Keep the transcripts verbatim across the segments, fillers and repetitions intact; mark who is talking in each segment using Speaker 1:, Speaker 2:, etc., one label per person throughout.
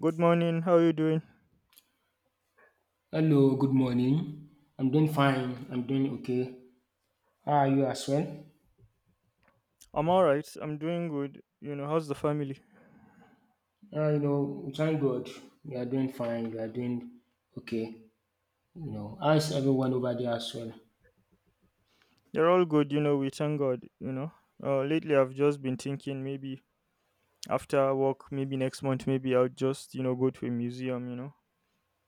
Speaker 1: Good morning. How you doing?
Speaker 2: Hello, good morning. I'm doing fine. I'm doing okay. How are you as well?
Speaker 1: I'm all right. I'm doing good. You know, how's the family?
Speaker 2: Uh, you know, thank God. We are doing fine. We are doing okay. You know, how is everyone over there as well?
Speaker 1: They're all good. You know, we thank God. You know, uh, lately I've just been thinking maybe after work, maybe next month, maybe I'll just you know go to a museum. You know,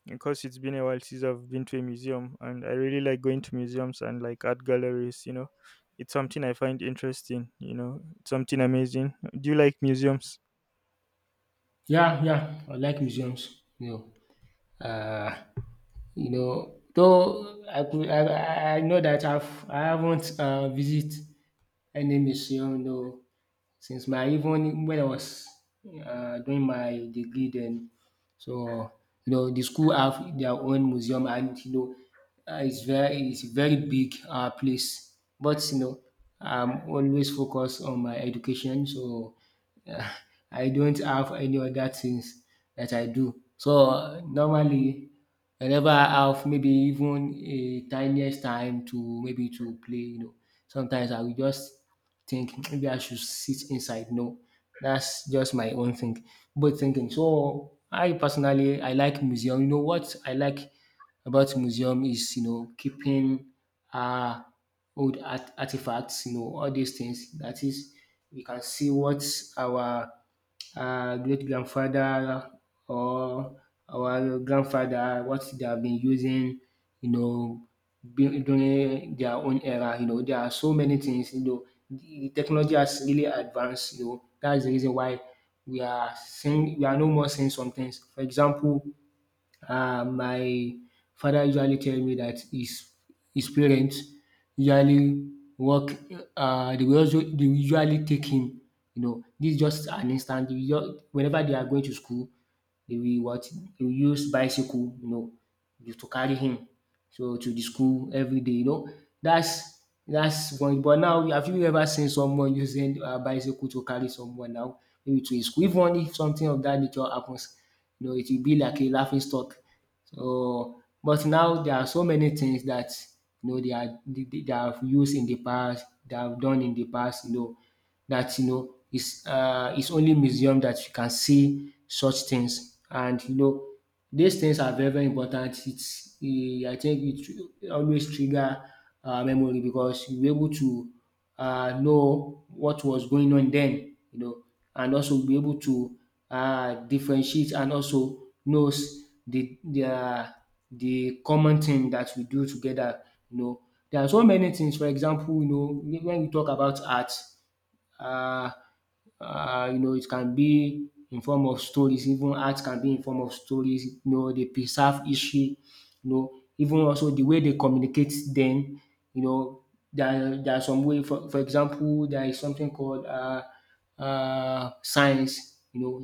Speaker 1: because it's been a while since I've been to a museum, and I really like going to museums and like art galleries. You know, it's something I find interesting. You know, it's something amazing. Do you like museums?
Speaker 2: Yeah, yeah, I like museums. You know, uh, you know. Though I could, I, I I know that I've I haven't uh, visit any museum. No, since my even when I was uh, doing my degree then. So you know the school have their own museum, and you know uh, it's very it's a very big uh, place. But you know I'm always focused on my education, so uh, I don't have any other things that I do. So uh, normally whenever I have maybe even a tiniest time to maybe to play, you know, sometimes I will just think maybe I should sit inside. No, that's just my own thing. But thinking, so I personally I like museum. You know what I like about museum is you know keeping uh old art- artifacts. You know all these things. That is, we can see what our uh, great grandfather or our grandfather what they have been using you know du- during their own era. You know, there are so many things. You know, the technology has really advanced. You know, that's the reason why we are seeing we are no more seeing some things. For example, uh, my father usually tell me that his his parents usually work. Uh, they will also they will usually take him. You know, this is just an instant. They will just, whenever they are going to school, they will what they will use bicycle. You know, just to carry him so to the school every day. You know, that's that's one. But now, have you ever seen someone using a bicycle to carry someone now maybe to his school? Even if something of that nature happens, you know, it will be like a laughing stock. So, but now there are so many things that you know they are they, they they have used in the past, they have done in the past, you know, that you know is uh it's only museum that you can see such things. And you know, these things are very, very important. It's eh, I think it tr- always trigger uh, memory, because you're able to uh, know what was going on then, you know, and also be able to um differentiate and also knows the their the common thing that we do together, you know. There are so many things, for example, you know, when we talk about art, uh, uh, you know, it can be in form of stories. Even art can be in form of stories, you know, dey preserve history, you know, even also the way they communicate den, you know. There there are some way for for example, there is something called uh uh signs, you know,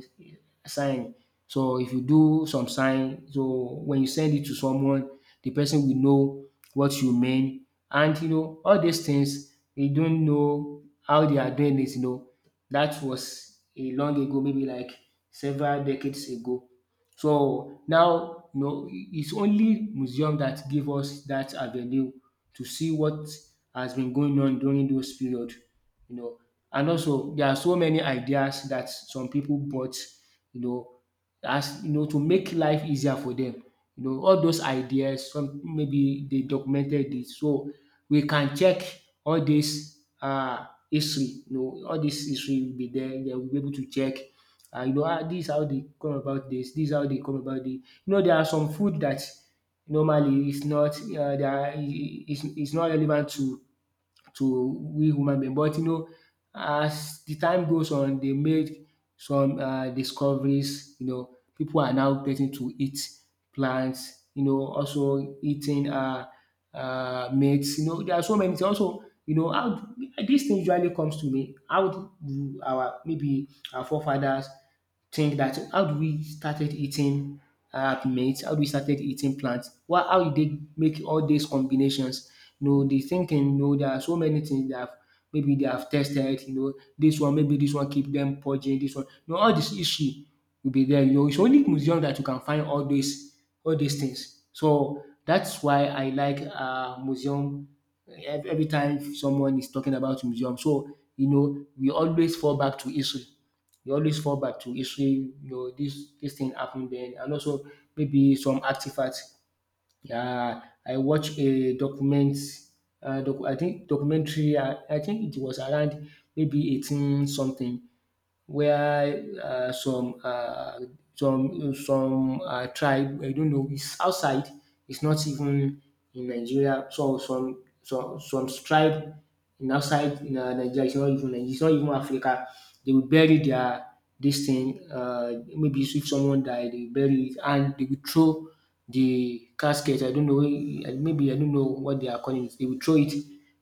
Speaker 2: sign. So if you do some sign, so when you send it to someone, the person will know what you mean, and you know all these things we don't know how they are doing it. You know, that was a long ago, maybe like several decades ago. So now, you know, it's only museum that give us that avenue to see what has been going on during those period. You know, and also there are so many ideas that some people bought. You know, as you know, to make life easier for them. You know, all those ideas, some maybe they documented it, so we can check all this um history. You know, all this history will be there. They will be able to check um you know, ah, this is how they come about this, this is how they come about the. You know there are some food that normally is not um there Is it's is not relevant to to we human being. But you know, as the time goes on, they made some um discoveries. You know, people are now getting to eat plants. You know, also eating um um meats. You know, there are so many things. Also, you know, how this thing usually comes to me. How do our maybe our forefathers think that how do we started eating um meat, how do we started eating plants? Why how e take make all these combinations. You know de thinking, you know, there are so many things dat maybe they have tested, you know, this one maybe this one keep them purging. This one, you know, all this issue will be there, you know. It's only museum that you can find all these all these things. So that's why I like uh museum. Ev- every time someone is talking about museum, so you know we always fall back to history, you always fall back to history, you know, this this thing happened then, and also maybe some artifacts. Yeah, I watched a document, uh, doc- I think documentary. Uh, I think it was around maybe eighteen something, where uh, some uh, some some uh, tribe, I don't know, is outside. It's not even in Nigeria. So some some some tribe in outside in uh, Nigeria. It's not even Nigeria. It's not even Africa. They will bury their this thing. Uh, maybe if someone died, they bury it, and they will throw the casket. I don't know. eh, Maybe I don't know what they are calling it. They will throw it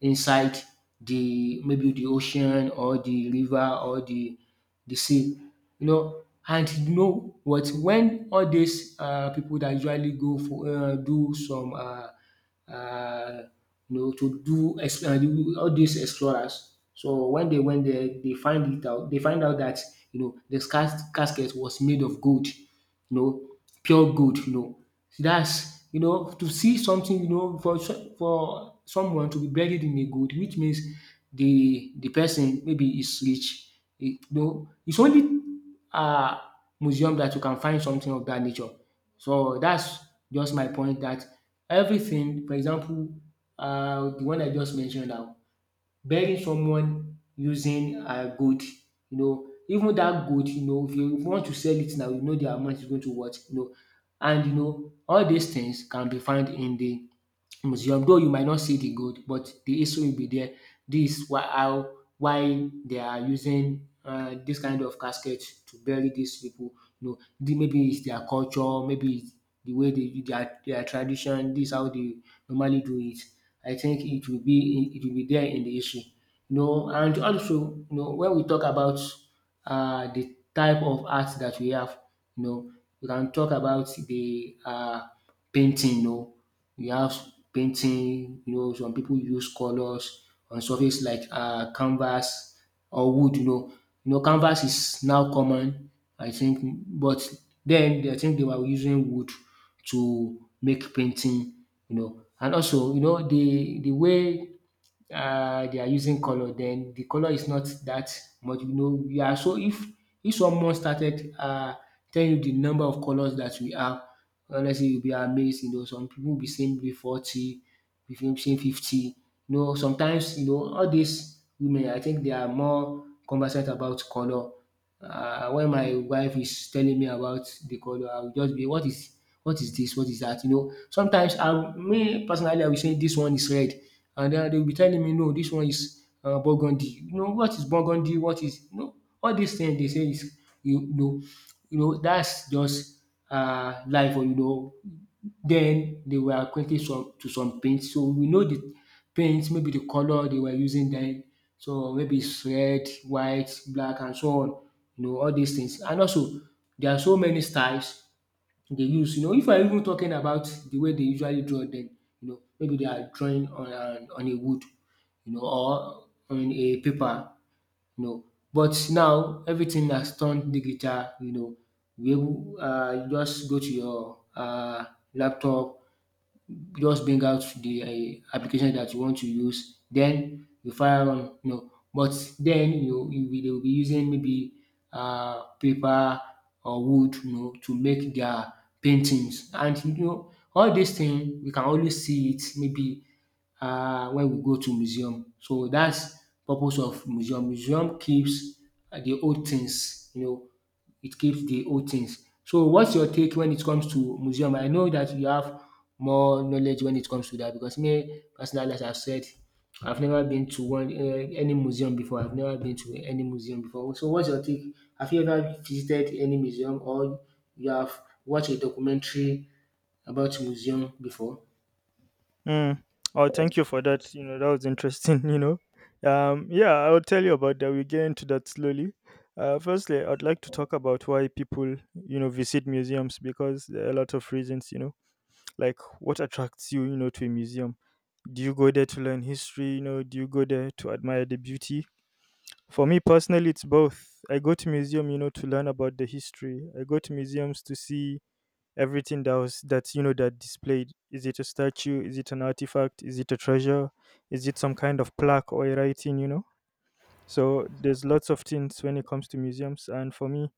Speaker 2: inside the maybe the ocean or the river or the the same, you know. And you know what, when all these uh people that usually go for uh do some uh uh you know, to do ex- uh do all these explorers, so when they went there they find it out they find out that you know the cas- casket was made of gold, you know, pure gold, you know. So that's, you know, to see something, you know, for so- for someone to be buried in a gold, which means the the person maybe is rich. It, you know, it's only uh museum that you can find something of that nature. So that's just my point that everything, for example, uh the one I just mentioned now, burying someone using um gold, you know, even that gold, you know, if you want to sell it now, you know the amount is going to what, you know, and you know all these things can be found in the museum, though you might not see the gold, but the history will be there. Dis why how why they are using um dis kind of casket to bury these people. You know the- maybe it's their culture, maybe it's the way they do their their tradition, dis how they normally do it. I think it will be it will be there in the history, you know. And also, you know, when we talk about uh, the type of art that we have, you know, we can talk about the uh, painting, you know. We have painting, you know, some people use colors on surface like uh, canvas or wood, you know. You know, canvas is now common, I think, but then I think they were using wood to make painting, you know. And also, you know, the the way uh, they are using color, then the color is not that much. You know, we are so if if someone started uh, telling you the number of colors that we have, honestly, you'll be amazed. You know, some people will be saying maybe forty, be saying fifty. You know, sometimes, you know, all these women, I think they are more conversant about color. Uh, when my wife is telling me about the color, I will just be, what is what is this? What is that? You know, sometimes I, me personally, I will say this one is red, and then they will be telling me no, this one is um Burgundy. You know, what is Burgundy, what is, you know, all these things they say is you you know, you know, that's just um life or, you know. Then they were acquainted some to some paints, so we know the paints, maybe the colour they were using then. So maybe is red, white, black, and so on, you know, all these things. And also there are so many styles they use. You know, if I are even talking about the way they usually draw dem, you know maybe they are drawing on an on a wood, you know, or on a paper, you know, but now everything has turned digital, you know. You um just go to your uh laptop, just bring out the um application that you want to use, then you fire on, you know but then you you will they will be using maybe uh, paper or wood, you know to make their paintings, and you know all these things we can only see it, maybe uh, when we go to museum. So that's purpose of museum. Museum keeps uh, the old things, you know it keeps the old things. So what's your take when it comes to museum? I know that you have more knowledge when it comes to that, because me personally, as I've said, I've never been to one um any museum before. I've never been to any museum before. So what's your take? Have you ever visited any museum, or you have watched a documentary about museum before?
Speaker 1: Mm. Oh, thank you for that. You know, that was interesting, you know. Um, yeah, I'll tell you about that. We'll get into that slowly. Uh, firstly, I'd like to talk about why people, you know, visit museums because there are a lot of reasons, you know, like what attracts you, you know, to a museum. Do you go there to learn history? You know, do you go there to admire the beauty? For me personally, it's both. I go to museum, you know, to learn about the history. I go to museums to see everything that was that's you know that displayed. Is it a statue, is it an artifact, is it a treasure, is it some kind of plaque or a writing, you know. So there's lots of things when it comes to museums, and for me,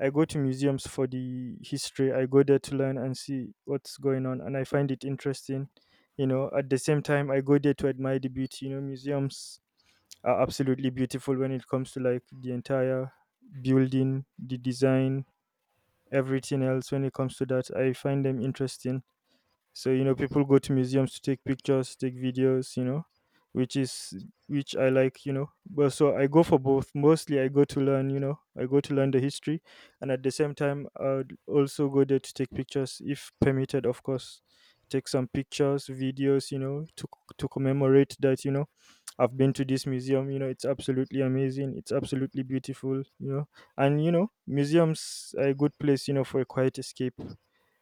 Speaker 1: I go to museums for the history. I go there to learn and see what's going on, and I find it interesting, you know. At the same time, I go there to admire the beauty, you know. Museums are absolutely beautiful when it comes to like the entire building, the design, everything else. When it comes to that, I find them interesting. So you know, people go to museums to take pictures, take videos, you know, which is, which I like, you know. But so I go for both. Mostly, I go to learn, you know, I go to learn the history, and at the same time, I'd also go there to take pictures, if permitted, of course. Take some pictures, videos, you know, to c- to commemorate that, you know. I've been to this museum, you know, it's absolutely amazing. It's absolutely beautiful, you know. And you know, museums are a good place, you know, for a quiet escape,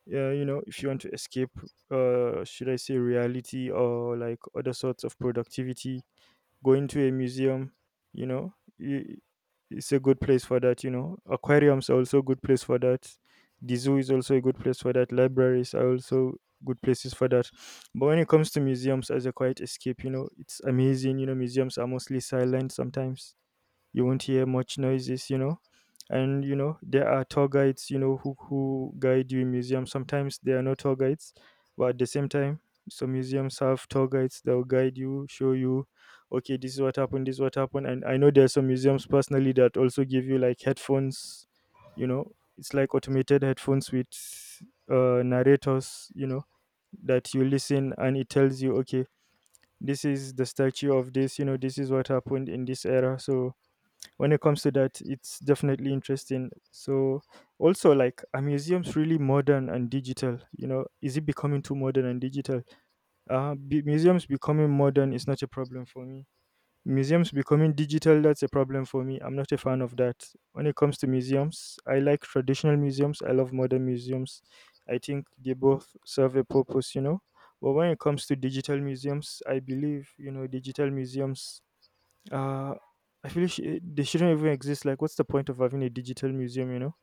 Speaker 1: yeah, you know. If you want to escape, uh, should I say reality or like other sorts of productivity, going to a museum, you know, i- it's a good place for that. You know, aquariums are also a good place for that. The zoo is also a good place for that. Libraries are also good places for that. But when it comes to museums as a quiet escape, you know, it's amazing. You know, museums are mostly silent. Sometimes you won't hear much noises, you know. And you know, there are tour guides, you know, who who guide you in museums. Sometimes there are no tour guides, but at the same time, some museums have tour guides that will guide you, show you, okay, this is what happened, this is what happened. And I know there are some museums personally that also give you like headphones, you know. It's like automated headphones with uh, narrators, you know, that you listen and it tells you, okay, this is the statue of this, you know, this is what happened in this era. So when it comes to that, it's definitely interesting. So also, like, are museums really modern and digital, you know? Is it becoming too modern and digital? Uh be- museums becoming modern is not a problem for me. Museums becoming digital, that's a problem for me. I'm not a fan of that. When it comes to museums, I like traditional museums, I love modern museums. I think they both serve a purpose, you know. But when it comes to digital museums, I believe, you know, digital museums, uh, I feel sh- eh, they shouldn't even exist. Like, what's the point of having a digital museum? You know,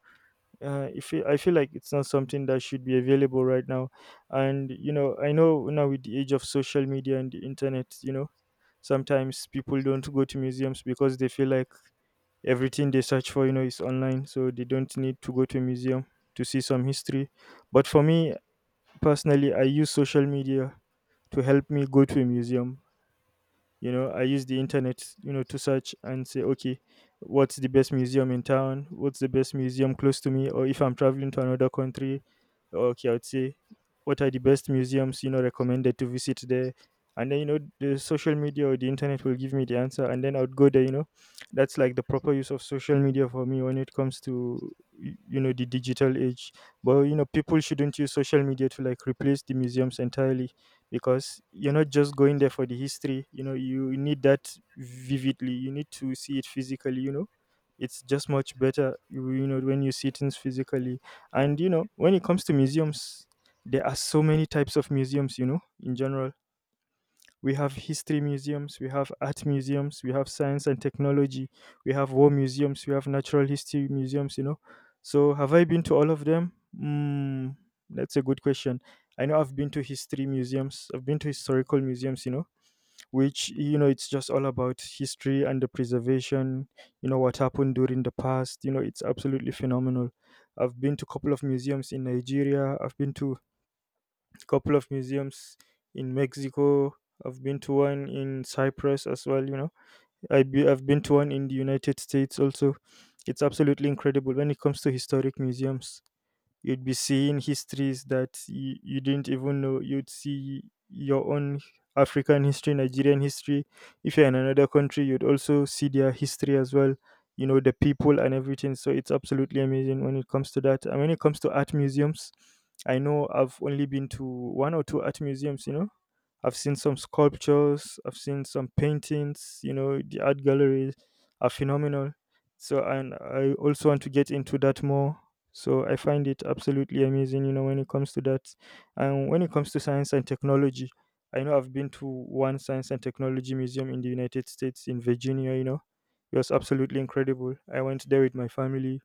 Speaker 1: uh, if it, I feel like it's not something that should be available right now. And you know, I know now with the age of social media and the internet, you know, sometimes people don't go to museums because they feel like everything they search for, you know, is online, so they don't need to go to a museum to see some history. But for me personally, I use social media to help me go to a museum. You know, I use the internet, you know, to search and say, okay, what's the best museum in town, what's the best museum close to me, or if I'm traveling to another country, okay, I would say, what are the best museums, you know, recommended to visit there. And then you know, the social media or the internet will give me the answer, and then I would go there, you know. That's like the proper use of social media for me when it comes to y- you know, the digital age. But you know, people shouldn't use social media to like replace the museums entirely, because you're not just going there for the history, you know. You need that vividly, you need to see it physically, you know. It's just much better, you, you know, when you see things physically. And you know, when it comes to museums, there are so many types of museums, you know. In general, we have history museums, we have art museums, we have science and technology, we have war museums, we have natural history museums, you know. So, have I been to all of them? Mm, that's a good question. I know I've been to history museums, I've been to historical museums, you know, which, you know, it's just all about history and the preservation, you know, what happened during the past, you know. It's absolutely phenomenal. I've been to a couple of museums in Nigeria, I've been to couple of museums in Mexico. I've been to one in Cyprus as well. You know, I be, I've been to one in the United States also. It's absolutely incredible when it comes to historic museums. You'd be seeing histories that you, you didn't even know. You'd see your own African history, Nigerian history. If you're in another country, you'd also see their history as well, you know, the people and everything. So it's absolutely amazing when it comes to that. And when it comes to art museums, I know I've only been to one or two art museums, you know. I've seen some sculptures, I've seen some paintings, you know, the art galleries are phenomenal. So, and I also want to get into that more. So, I find it absolutely amazing, you know, when it comes to that. And when it comes to science and technology, I know I've been to one science and technology museum in the United States, in Virginia, you know. It was absolutely incredible. I went there with my family.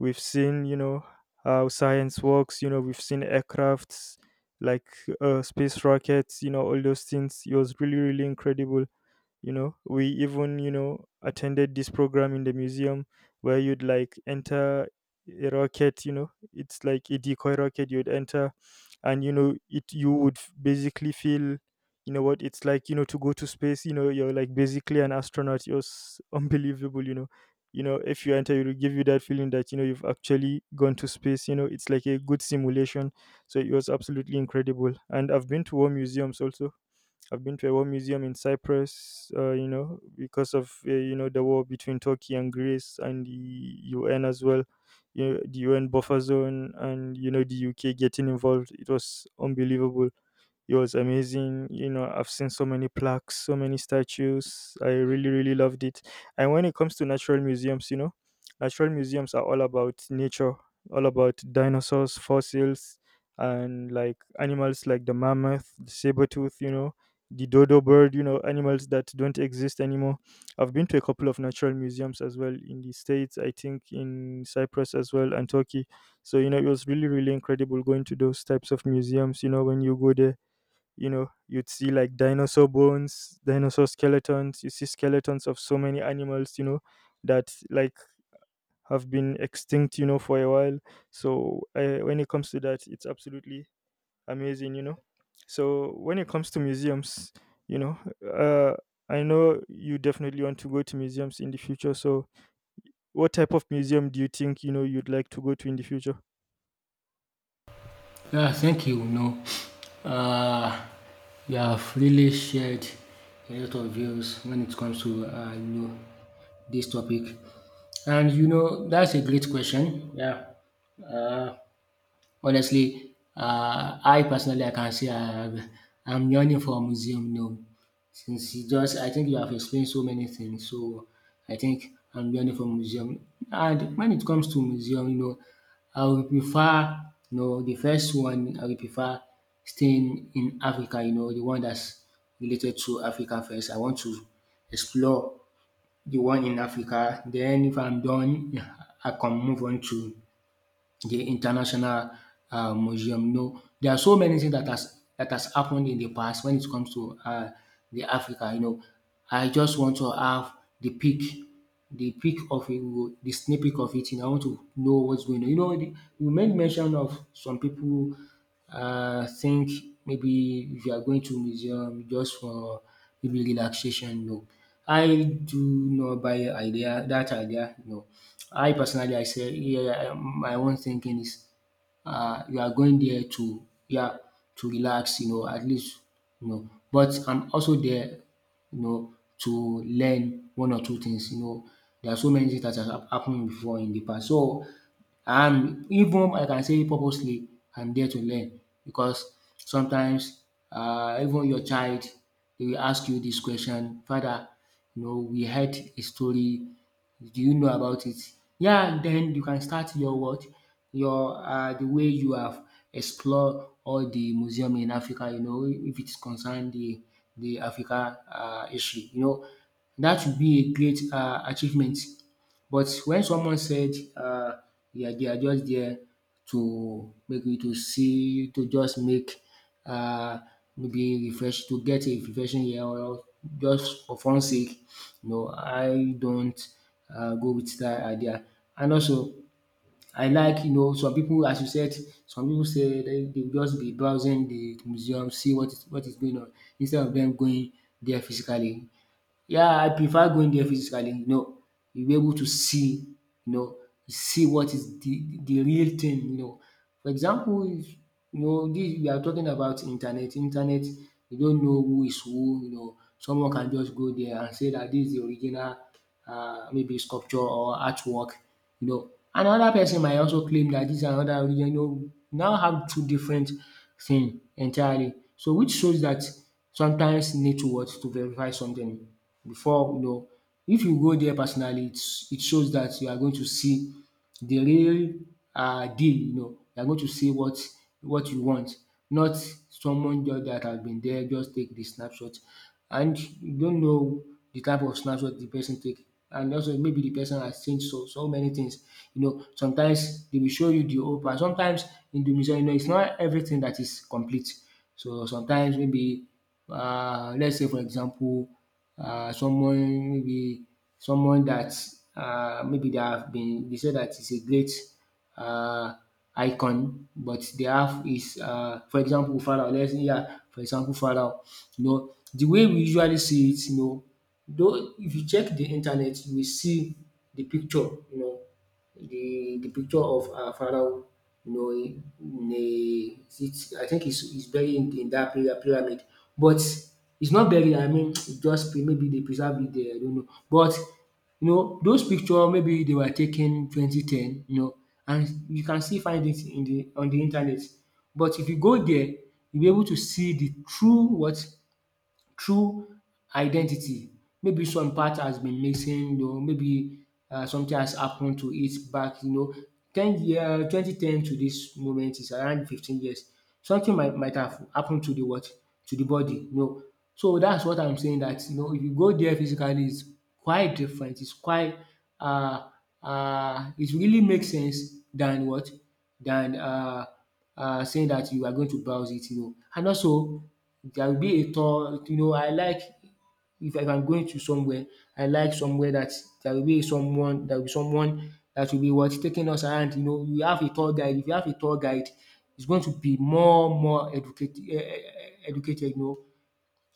Speaker 1: We've seen, you know, how science works. You know, we've seen aircrafts like uh, space rockets. You know, all those things. It was really, really incredible. You know, we even, you know, attended this program in the museum where you'd like enter a rocket. You know, it's like a decoy rocket. You'd enter, and you know it, you would f- basically feel, you know, what it's like, you know, to go to space. You know, you're like basically an astronaut, you're s- unbelievable, you know. You know, if you enter, it will give you that feeling that, you know, you've actually gone to space. You know, it's like a good simulation. So it was absolutely incredible. And I've been to war museums also. I've been to a war museum in Cyprus, uh, you know, because of uh, you know, the war between Turkey and Greece and the U N as well, you know, the U N buffer zone, and you know, the U K getting involved. It was unbelievable. It was amazing. You know, I've seen so many plaques, so many statues. I really, really loved it. And when it comes to natural museums, you know, natural museums are all about nature, all about dinosaurs, fossils, and like animals like the mammoth, the saber tooth, you know, the dodo bird, you know, animals that don't exist anymore. I've been to a couple of natural museums as well in the States, I think in Cyprus as well, and Turkey. So, you know, it was really, really incredible going to those types of museums. You know, when you go there, you know, you'd see like dinosaur bones, dinosaur skeletons, you see skeletons of so many animals, you know, that like have been extinct, you know, for a while. So, uh, when it comes to that, it's absolutely amazing, you know, so when it comes to museums you know uh i know you definitely want to go to museums in the future, so what type of museum do you think, you know, you'd like to go to in the future?
Speaker 2: Yeah, thank you. No, uh, you have really shared a lot of views when it comes to, uh, you know this topic, and you know that's a great question. Yeah. Uh, Honestly, um I personally, I can say, I I'm yearning for a museum now, since you just I think you have explained so many things, so I think I'm yearning for museum. And when it comes to museum, you know I would prefer, you know the first one I would prefer, staying in Africa, you know the one that's related to Africa first. I want to explore the one in Africa. Then if I'm done, I can move on to the international uh, museum. No, there are so many things that has that has happened in the past when it comes to, uh, the Africa. You know, I just want to have the peak, the peak of it, the snippet of it, and I want to know what's going on. You know, the, you made mention of some people. I think maybe if you are going to museum just for, maybe, relaxation. No. I do not buy idea that idea. No. I personally, I say, yeah, I- my own thinking is, uh you are going there to, yeah, to relax, you know, at least you know. But I'm also there, you know, to learn one or two things, you know. There are so many things that has hap- happened before in the past. So, and even I can say, purposely I'm there to learn, because sometimes, um even your child dey will ask you this question: "Father, you know, we heard a story, do you know about it?" Yeah, then you can start your what? Your, um the way you have explored all the museum in Africa, you know, if it is concerned the the Africa um history, you know, that should be a great um achievement. But when someone said, "Uh, yeah, they are just there to, maybe, to see, to just make, uh, maybe refresh, to get a refreshing air, or just for fun sake," no, I don't um go with that idea. And also, I like, you know some people, as you said, some people say they dey just be browsing the museum, see what is what is going on, instead of them going there physically. Yeah, I prefer going there physically, you know, you'll be able to see, you know, see what is the the real thing, you know. For example, if, you know, this, we are talking about internet. Internet, you don't know who is who, you know. Someone can just go there and say that this is the original, uh, maybe sculpture or artwork, you know. Another person might also claim that this, and another religion, you know, now have two different thing entirely. So which shows that sometimes you need to what, to verify something, before, you know. If you go there personally, it's, it shows that you are going to see the real um deal, you know, you are going to see what what you want, not someone just that has been there, just take the snapshot, and you don't know the type of snapshot the person take. And also, maybe the person has changed so so many things, you know. Sometimes they will show you the old part. Sometimes in the museum, you know, it's not everything that is complete. So sometimes, maybe, um let's say, for example, uh, someone, maybe someone that, uh maybe they have been, they say that is a great uh icon, but they have is, uh for example Farah, let's, yeah, for example Farah, you know, the way we usually see it, you know, though if you check the internet you will see the picture, you know, the the picture of, uh, Pharaoh, you know, in a, it's, I think he's, he's buried in, in that pyra- pyramid, but it's not buried. I mean, it's just pre- maybe they preserve it there. I don't know, but you know, those picture maybe they were taken twenty ten, you know, and you can still find it in the on the internet. But if you go there, you'll be able to see the true, what, true identity. Maybe some part has been missing, or maybe um something has happened to it back, you know. Ten year twenty ten to this moment is around fifteen years. Something might might have happened to the what? To the body, you know. So that's what I'm saying, that, you know, if you go there physically it's quite different, it's quite, uh, uh, it really makes sense than what? Than, uh. Uh, saying that you are going to browse it, you know. And also, there will be a tour, you know. I like, if I am going to somewhere, I like somewhere that there will be someone, there will be someone that will be, what, taking us around, you know. You have a tour guide. If you have a tour guide, it's going to be more more educate um educated, you know,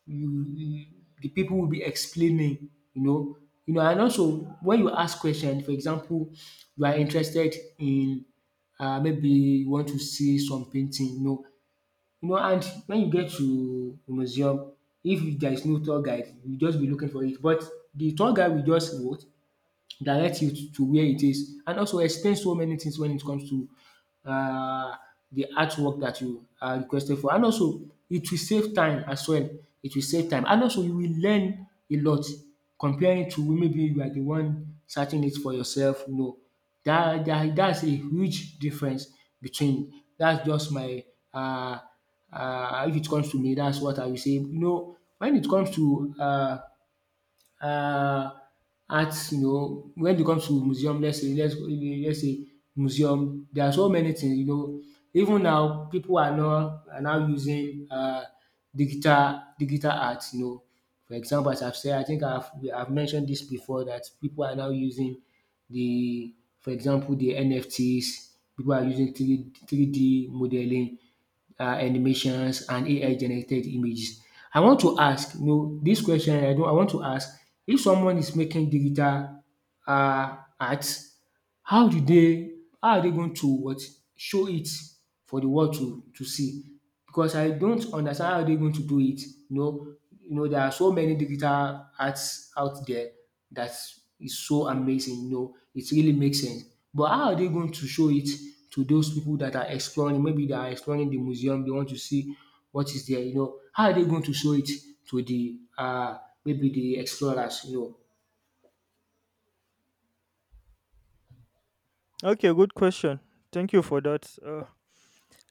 Speaker 2: you the people will be explaining, you know. You know, and also, when you ask question, for example, you are interested in, uh, maybe you want to see some painting, you know. You know, and when you get to museum, if there is no tour guide, you just be looking for it. But the tour guide will just what, direct you to to where it is, and also explain so many things when it comes to, um the artwork that you are requested for. And also it will save time as well, it will save time, and also you will learn a lot, comparing to maybe you are the one searching it for yourself, you know, that, that that's a huge difference between. That's just my, uh uh. if it comes to me, that's what I will say. You know, when it comes to, uh. Uh, arts, you know, when it comes to museum, let's say let's let's say museum, there are so many things, you know, even now people are now are now using um digital digital art, you know, for example, as I've said, I think I've I've mentioned this before, that people are now using the, for example, the N F Ts. People are using three three D modelling, uh, animations, and A I generated images. I want to ask, you know, this question, I do, I want to ask, if someone is making digital, uh, art, how do they, how are they going to what, show it for the world to to see? Because I don't understand how they're going to do it. You know, you know, there are so many digital arts out there that is so amazing. You know, it really makes sense. But how are they going to show it to those people that are exploring? Maybe they are exploring the museum. They want to see what is there. You know, how are they going to show it to the, uh, maybe the explorers? You know,
Speaker 1: Okay, good question, thank you for that uh,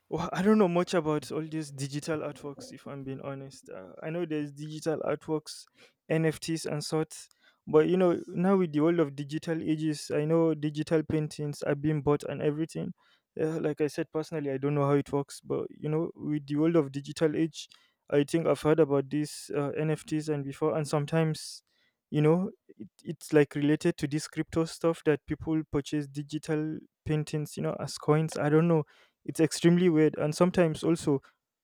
Speaker 1: Well, I don't know much about all these digital artworks, if I'm being honest. Uh, I know there's digital artworks, N F Ts, and sorts. But you know, now with the world of digital ages, I know digital paintings are being bought and everything. Uh, like I said, personally, I don't know how it works. But you know, with the world of digital age, I think I've heard about these uh, N F Ts and before. And sometimes, you know, it, it's like related to this crypto stuff that people purchase digital paintings, you know, as coins. I don't know, it's extremely weird. And sometimes also,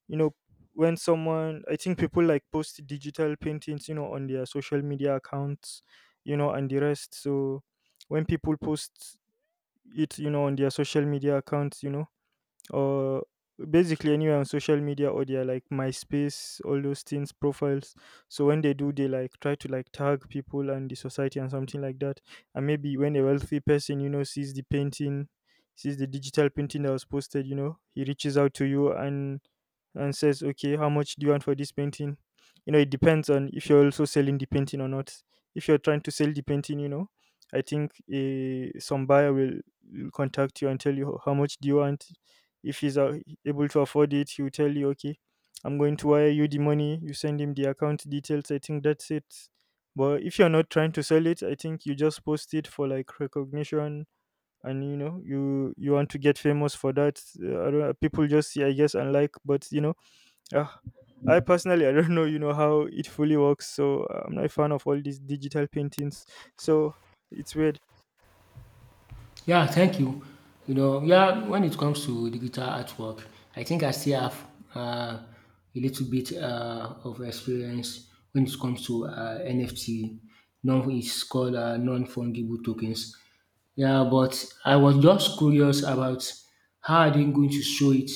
Speaker 1: you know, when someone, I think people like post digital paintings, you know, on their social media accounts, you know, and the rest. So when people post it, you know, on their social media accounts, you know, or basically anywhere on social media, or their like MySpace, all those things profiles. So when they do, they like try to like tag people and the society and something like that. And maybe when a wealthy person, you know, sees the painting, sees the digital painting that was posted, you know, he reaches out to you and and says, okay, how much do you want for this painting? You know, it depends on if you're also selling the painting or not. If you're trying to sell the painting, you know, I think uh, some buyer will will contact you and tell you how much do you want. If he's uh, able to afford it, he'll tell you, okay, I'm going to wire you the money. You send him the account details. I think that's it. But if you're not trying to sell it, I think you just post it for like recognition, and you know you you want to get famous for that. Uh, I don't know, people just see, I guess, and like. But you know, uh, I personally I don't know, you know, how it fully works. So uh, I'm not a fan of all these digital paintings. So it's weird.
Speaker 2: yeah, thank you. You know, yeah, when it comes to digital artwork, I think I still have, uh, a little bit, uh, of experience when it comes to, uh, N F T. Non, it's called, uh, non-fungible tokens. Yeah, but I was just curious about how are they going to show it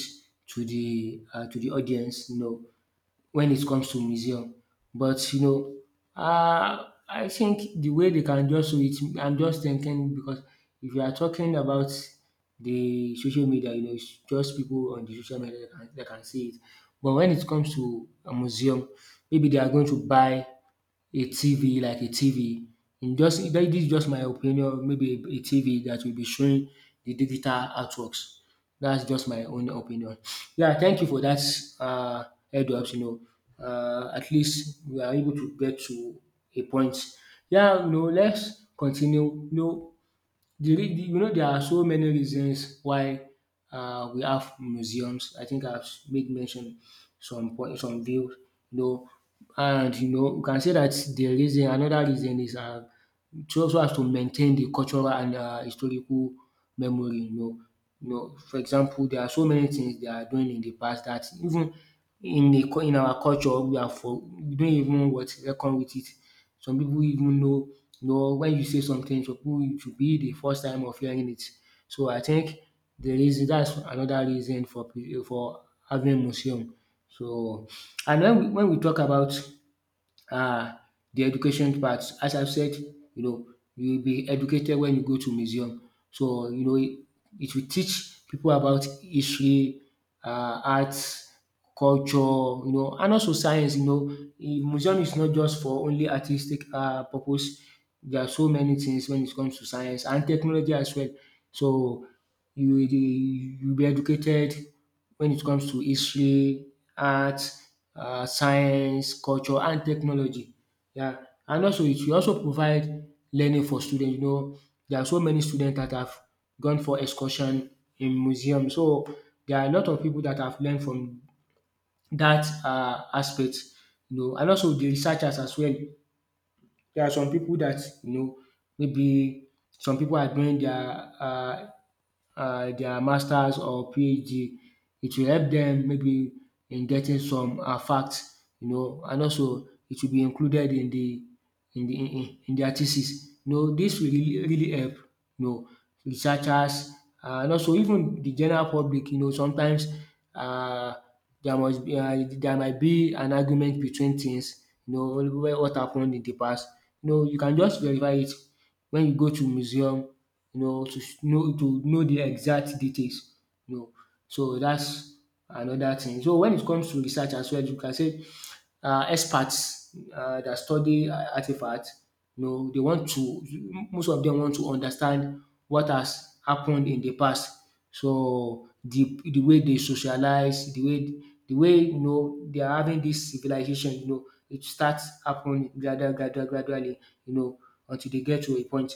Speaker 2: to the, uh, to the audience, you know, when it comes to museum. But you know, uh, I think the way they can just do it, I'm just thinking, because if you are talking about the social media, you know, it's just people on the social media that can, that can see it. But when it comes to a museum, maybe they are going to buy a T V, like a T V. In, just that, this is just my opinion, maybe a a T V that will be showing the digital artworks. That's just my own opinion. Yeah, thank you for that, uh, heads-up. You know, uh, at least we are able to get to a point. Yeah, no, let's continue. No. The rea- you know, there are so many reasons why, um we have museums. I think I've made mention some point, some views, you know. And you know you can say that the reason, another reason, is, um so also has to maintain the cultural and, um historical memory, you know. You know, for example, there are so many things they are doing in the past that even in the cul- in our culture we are for we don't even what reckon with it. Some people even know, you know, when you say something, some people it will be the first time of hearing it. So I think the reason that's another reason for pre- for having museum. So, and when we when we talk about uh, the education part. As I've said, you know, you'll be educated when you go to museum. So, you know, it, it will teach people about history, uh, arts, culture, you know, and also science, you know. Eh, Museum is not just for only artistic uh, purpose. There are so many things when it comes to science and technology as well. So you, you'll be educated when it comes to history, art, um science, culture and technology. Yeah, and also it will also provide learning for students. You know, there are so many students that have gone for excursion in museum. So there are a lot of people that have learned from that um aspect. You know, and also the researchers as well. There are some people that, you know, maybe some people are doing their um uh, their masters or PhD. It will help them maybe in getting some um facts, you know, and also it will be included in the in the in in their thesis. You know, dis will really really help, you know, researchers, uh, and also even the general public, you know. Sometimes uh there must be um there might be an argument between things, you know, wh- what happened in the past. You know, you can just verify it when you go to museum, you know, to s- know to know the exact details, you know. So that's another thing. So when it comes to research as well, you can say uh, experts uh, that study uh, artifacts. You know, they want to, most of them want to understand what has happened in the past. So the the way they socialize, the way the way you know, they are having this civilization, you know, it starts happening gradually, gradually, gradually, you know, until they get to a point.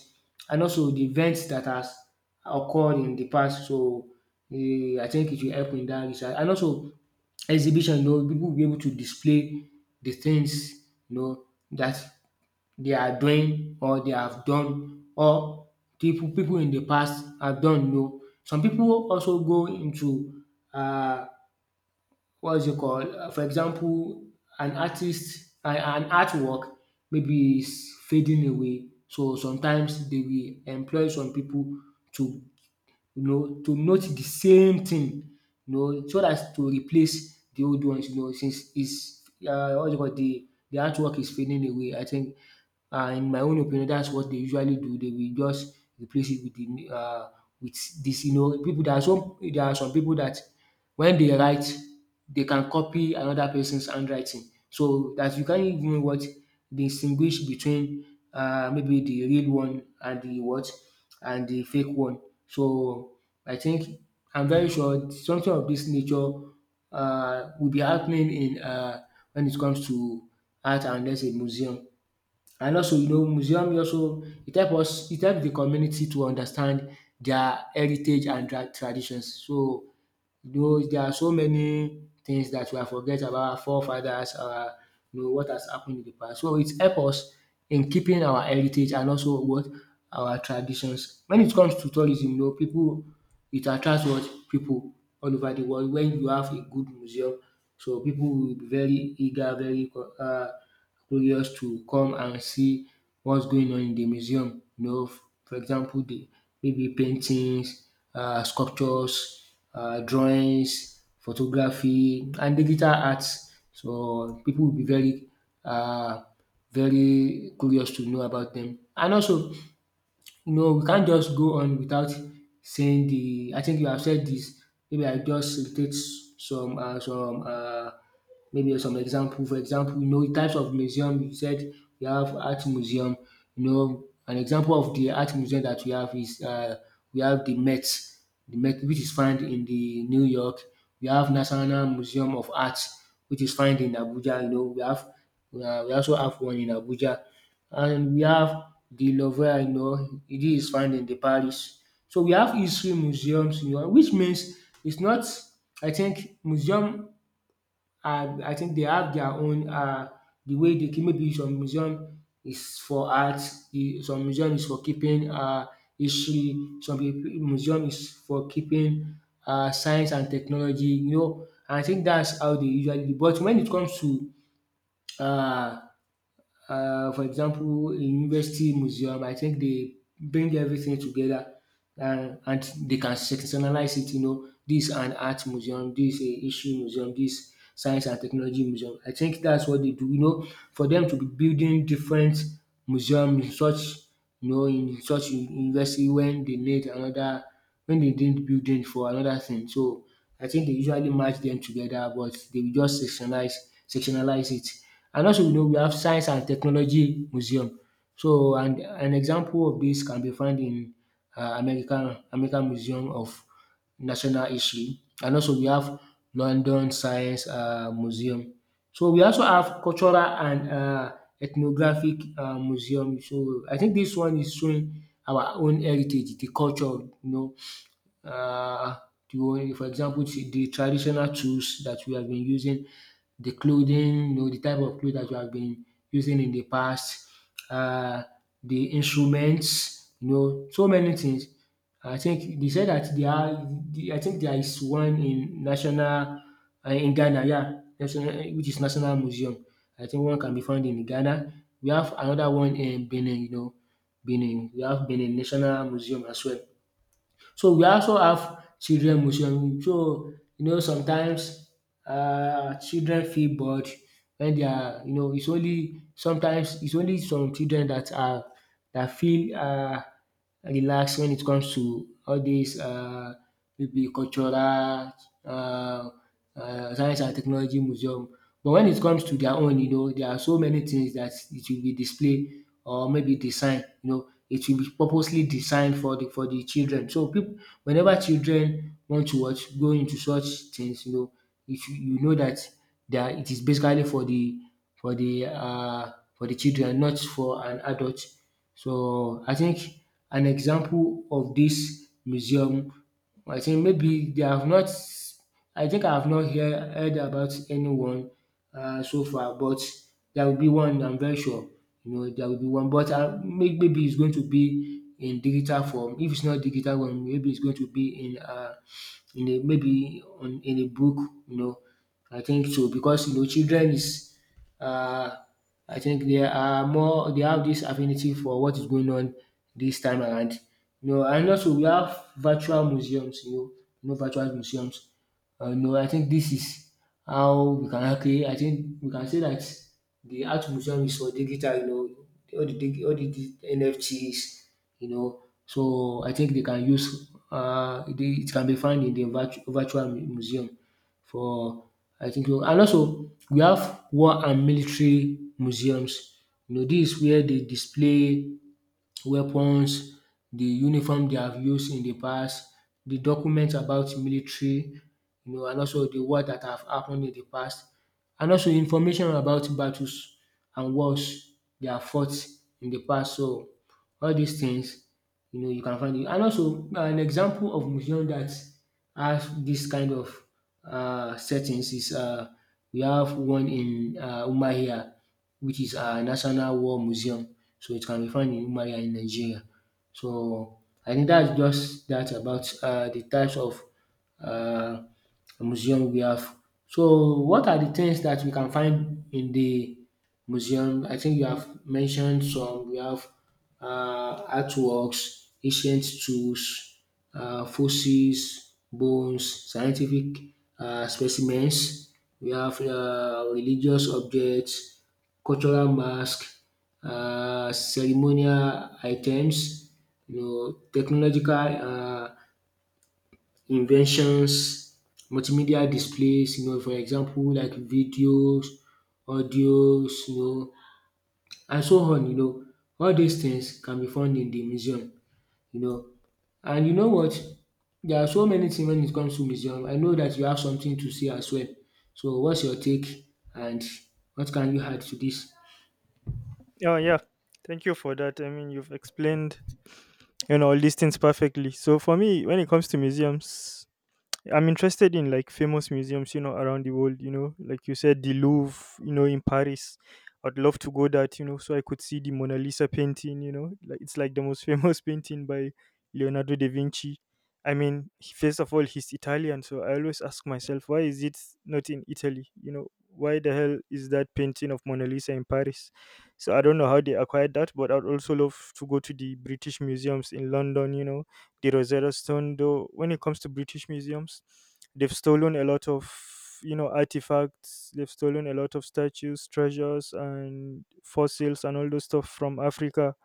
Speaker 2: And also the events that has occurred in the past. So eh, I think it will help in that research. And also exhibition, you know, people will be able to display the things, you know, that they are doing or they have done or people people in the past have done, you know. Some people also go into uh, what is it called? Uh, For example, an artist, an an artwork maybe is fading away. So sometimes they will employ some people to, you know, to note the same thing, you know, so as to replace the old ones, you know, since is uh, what do you call, the the artwork is fading away. I think um in my own opinion that's what they usually do. They will just replace it with the uh, with this, you know. People there are some, there are some people that, when they write, they can copy another person's handwriting. So that you can't even what distinguish between, uh, maybe the real one and the what and the fake one. So I think I'm very sure something of this nature uh, will be happening in uh, when it comes to art and let's museum. And also, you know, museum e also it help us it help the community to understand their heritage and their traditions. So, you know, there are so many things that we have forget about our forefathers, our, you know, what has happened in the past. So it help us in keeping our heritage and also what our traditions. When it comes to tourism, you know, people, it attracts what people all over the world. When you have a good museum, so people will be very eager, very co- um curious to come and see what's going on in the museum. You know, f- for example, the maybe paintings, uh, sculptures, uh, drawings, photography and digital arts. So people will be very uh, very curious to know about them. And also, no, we can't just go on without saying the, I think you have said this. Maybe I just state some uh some uh maybe some example. For example, you know, the types of museum you said, we have art museum. You know, an example of the art museum that we have is, uh, we have the Met, the Met, which is found in the New York. We have National Museum of Art, which is found in Abuja. You know, we have um we also have one in Abuja, and we have the Louvre, you know, it is found in the Paris. So we have history museums, you know, which means it's not, I think museum are, I think they have their own um the way they keep. Maybe some museum is for art, the some museum is for keeping um history, some pip museum is for keeping um science and technology, you know. And I think that's how they usually do. But when it comes to um uh, for example, a university museum, I think they bring everything together, and, and they can sectionalize it. You know, this is an art museum, this is a history museum, this science and technology museum. I think that's what they do, you know, for them to be building different museum in such, you know, in such u- university, when they need another, when they need building for another thing. So I think they usually match them together, but they will just sectionalize, sectionalize it. And also, you know, we have Science and Technology Museum. So, and an example of this can be found in, uh, American American Museum of National History. And also, we have London Science uh, Museum. So, we also have Cultural and uh, Ethnographic uh, Museum. So, I think this one is showing our own heritage, the culture, you know, uh, the one, for example, t- the traditional tools that we have been using, the clothing, you know, the type of clothes that we have been using in the past, uh, the instruments, you know, so many things. I think they said that they are. the- I think there is one in national, uh, in Ghana, yeah, national, which is National Museum. I think one can be found in Ghana. We have another one in Benin, you know, Benin. We have Benin National Museum as well. So we also have children museum. So you know, sometimes um children feel bored when they are, you know, it's only sometimes, it's only some children that are that feel um relaxed when it comes to all dis um maybe cultural, um um science and technology museum. But when it comes to their own, you know, there are so many things that it will be displayed or maybe design. You know, it will be purposely designed for the for the children. So people, whenever children want to watch go into such things, you know, if you, you know that that it is basically for the, for the, uh, for the children, not for an adult. So I think an example of this museum, I think maybe they have not, I think I have not hear heard about anyone, uh, so far, but there will be one, I'm very sure, you know, there will be one. But um maybe it's going to be in digital form. If it's not digital one, maybe it's going to be in, uh, in a maybe on in a book, you know, I think so. Because, you know, children is, uh, I think they are more, they have this affinity for what is going on this time around. You know, and also we have virtual museums, you know, you know virtual museums. Uh, you know, I think this is how we can actually, I think we can say that the art museum is for digital, you know, all the dig- all the dig- N F Ts, you know. So I think they can use, uh, they, it can be found in the virtu- virtual mu- museum for, I think so. And also we have war and military museums. You know, this is where they display weapons, the uniform they have used in the past, the documents about military, you know, and also the war that have happened in the past, and also information about battles and wars they have fought in the past. So all these things, you know, you can find it. And also, uh, an example of museum that has this kind of uh, settings is, uh, we have one in, uh, Umuahia, which is a national war museum. So it can be found in Umuahia in Nigeria. So I think that's just that about, uh, the types of uh, museum we have. So what are the things that we can find in the museum? I think you have mentioned some. We have uh, artworks, ancient tools, uh, fossils, bones, scientific uh, specimens. We have uh, religious objects, cultural masks, uh, ceremonial items, you know, technological uh, inventions, multimedia displays, you know, for example like videos, audios, you know, and so on, you know. All these things can be found in the museum, you know. And you know what? There are so many things when it comes to museum. I know that you have something to say as well. So what's your take and what can you add to this?
Speaker 1: Oh yeah, thank you for that. I mean, you've explained and all these things perfectly. So for me, when it comes to museums, I'm interested in like famous museums, you know, around the world, you know, like you said, the Louvre, you know, in Paris. I'd love to go that, you know, so I could see the Mona Lisa painting, you know, like it's like the most famous painting by Leonardo da Vinci. I mean, he- first of all, he's Italian, so I always ask myself, why is it not in Italy? You know, why the hell is that painting of Mona Lisa in Paris? So I don't know how they acquired that, but I'd also love to go to the British museums in London, you know, the Rosetta Stone. Though when it comes to British museums, they've stolen a lot of, you know, artifacts. They've stolen a lot of statues, treasures, and fossils, and all those stuff from Africa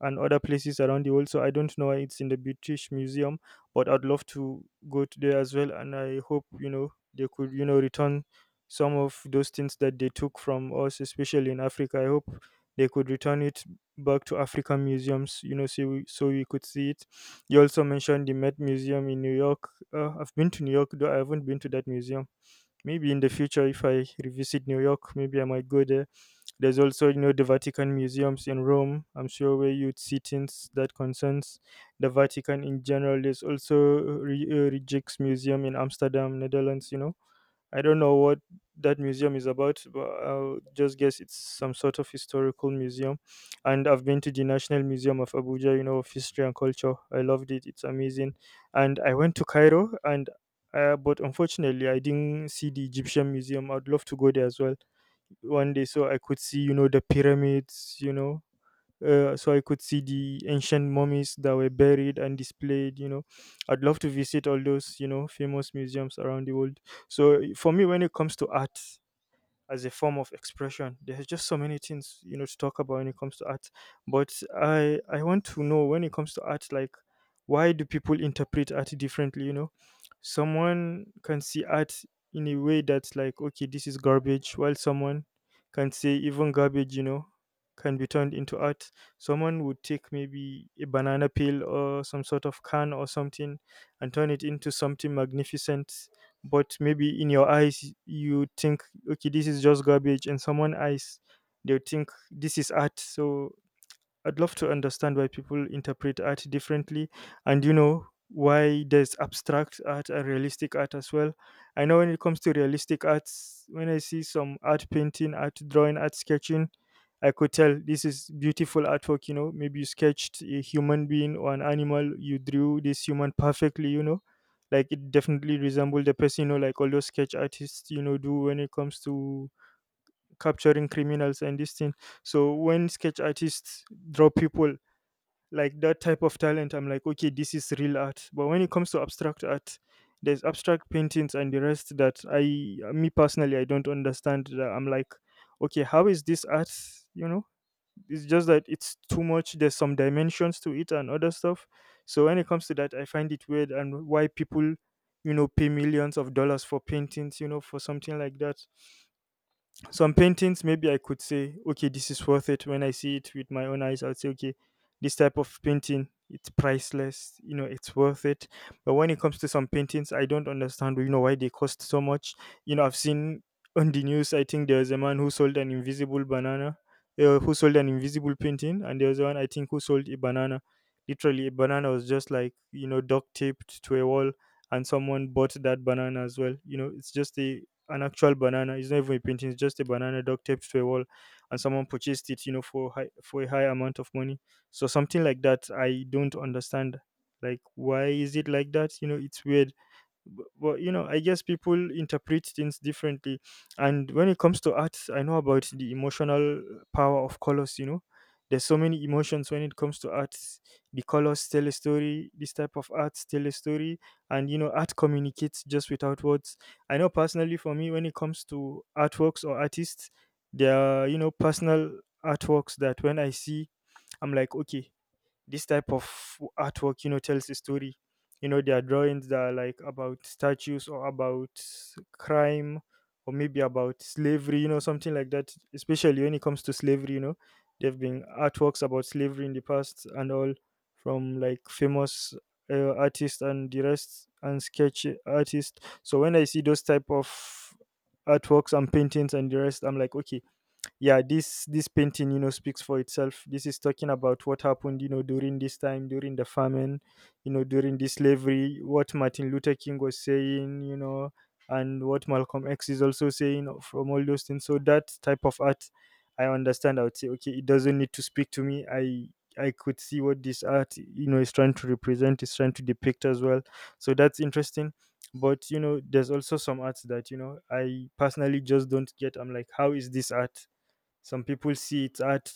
Speaker 1: and other places around the world. So I don't know why it's in the British Museum, but I'd love to go to there as well. And I hope, you know, they could, you know, return some of those things that they took from us, especially in Africa. I hope they could return it back to African museums, you know, so we, so we could see it. You also mentioned the Met Museum in New York. Uh, I've been to New York, though I haven't been to that museum. Maybe in the future, if I revisit New York, maybe I might go there. There's also, you know, the Vatican museums in Rome. I'm sure where you'd see things that concerns the Vatican in general. There's also Re- uh, Rijksmuseum in Amsterdam, Netherlands. You know, I don't know what that museum is about, but I'll just guess it's some sort of historical museum. And I've been to the National Museum of Abuja, you know, of history and culture. I loved it. It's amazing. And I went to Cairo, and uh, but unfortunately, I didn't see the Egyptian Museum. I'd love to go there as well one day, so I could see, you know, the pyramids, you know, uh, so I could see the ancient mummies that were buried and displayed. You know, I'd love to visit all those, you know, famous museums around the world. So for me, when it comes to art, as a form of expression. There's just so many things, you know, to talk about when it comes to art. But I I want to know when it comes to art, like, why do people interpret art differently? You know, someone can see art in a way that's like, okay, this is garbage, while someone can say even garbage, you know, can be turned into art. Someone would take maybe a banana peel or some sort of can or something and turn it into something magnificent, but maybe in your eyes you think, okay, this is just garbage, and someone eyes they think this is art. So I'd love to understand why people interpret art differently, and you know why there's abstract art and realistic art as well. I know when it comes to realistic arts, when I see some art painting, art drawing, art sketching, I could tell this is beautiful artwork, you know. Maybe you sketched a human being or an animal, you drew this human perfectly, you know. Like it definitely resembled the person, you know, like all those sketch artists, you know, do when it comes to capturing criminals and this thing. So when sketch artists draw people, like that type of talent, I'm like, okay, this is real art. But when it comes to abstract art, there's abstract paintings and the rest that I me personally I don't understand that. I'm like, okay, how is this art? You know, it's just that it's too much, there's some dimensions to it and other stuff. So when it comes to that, I find it weird, and why people, you know, pay millions of dollars for paintings, you know, for something like that. Some paintings maybe I could say, okay, this is worth it. When I see it with my own eyes, I'd say, okay, this type of painting, it's priceless, you know, it's worth it. But when it comes to some paintings, I don't understand, you know, why they cost so much. You know, I've seen on the news, I think there was a man who sold an invisible banana uh, who sold an invisible painting. And there was one, I think, who sold a banana, literally a banana was just like, you know, duct taped to a wall, and someone bought that banana as well. You know, it's just a an actual banana. It's not even a painting; it's just a banana duct taped to a wall, and someone purchased it, you know, for high, for a high amount of money. So something like that, I don't understand. Like, why is it like that? You know, it's weird. But, but you know, I guess people interpret things differently. And when it comes to arts, I know about the emotional power of colors. You know, there's so many emotions when it comes to arts. The colors tell a story, this type of arts tell a story, and you know art communicates just without words. I know personally for me, when it comes to artworks or artists, there are, you know, personal artworks that when I see, I'm like, okay, this type of artwork, you know, tells a story. You know, there are drawings that are like about statues, or about crime, or maybe about slavery, you know, something like that. Especially when it comes to slavery, you know, there have been artworks about slavery in the past and all, from like famous uh, artists and the rest and sketch artists. So when I see those type of artworks and paintings and the rest, I'm like, okay, yeah, this this painting, you know, speaks for itself. This is talking about what happened, you know, during this time, during the famine, you know, during the slavery, what Martin Luther King was saying, you know, and what Malcolm X is also saying, from all those things. So that type of art, I understand. I would say, okay, it doesn't need to speak to me. I i could see what this art, you know, is trying to represent, is trying to depict as well. So that's interesting. But you know, there's also some arts that, you know, I personally just don't get. I'm like, how is this art? Some people see it's art,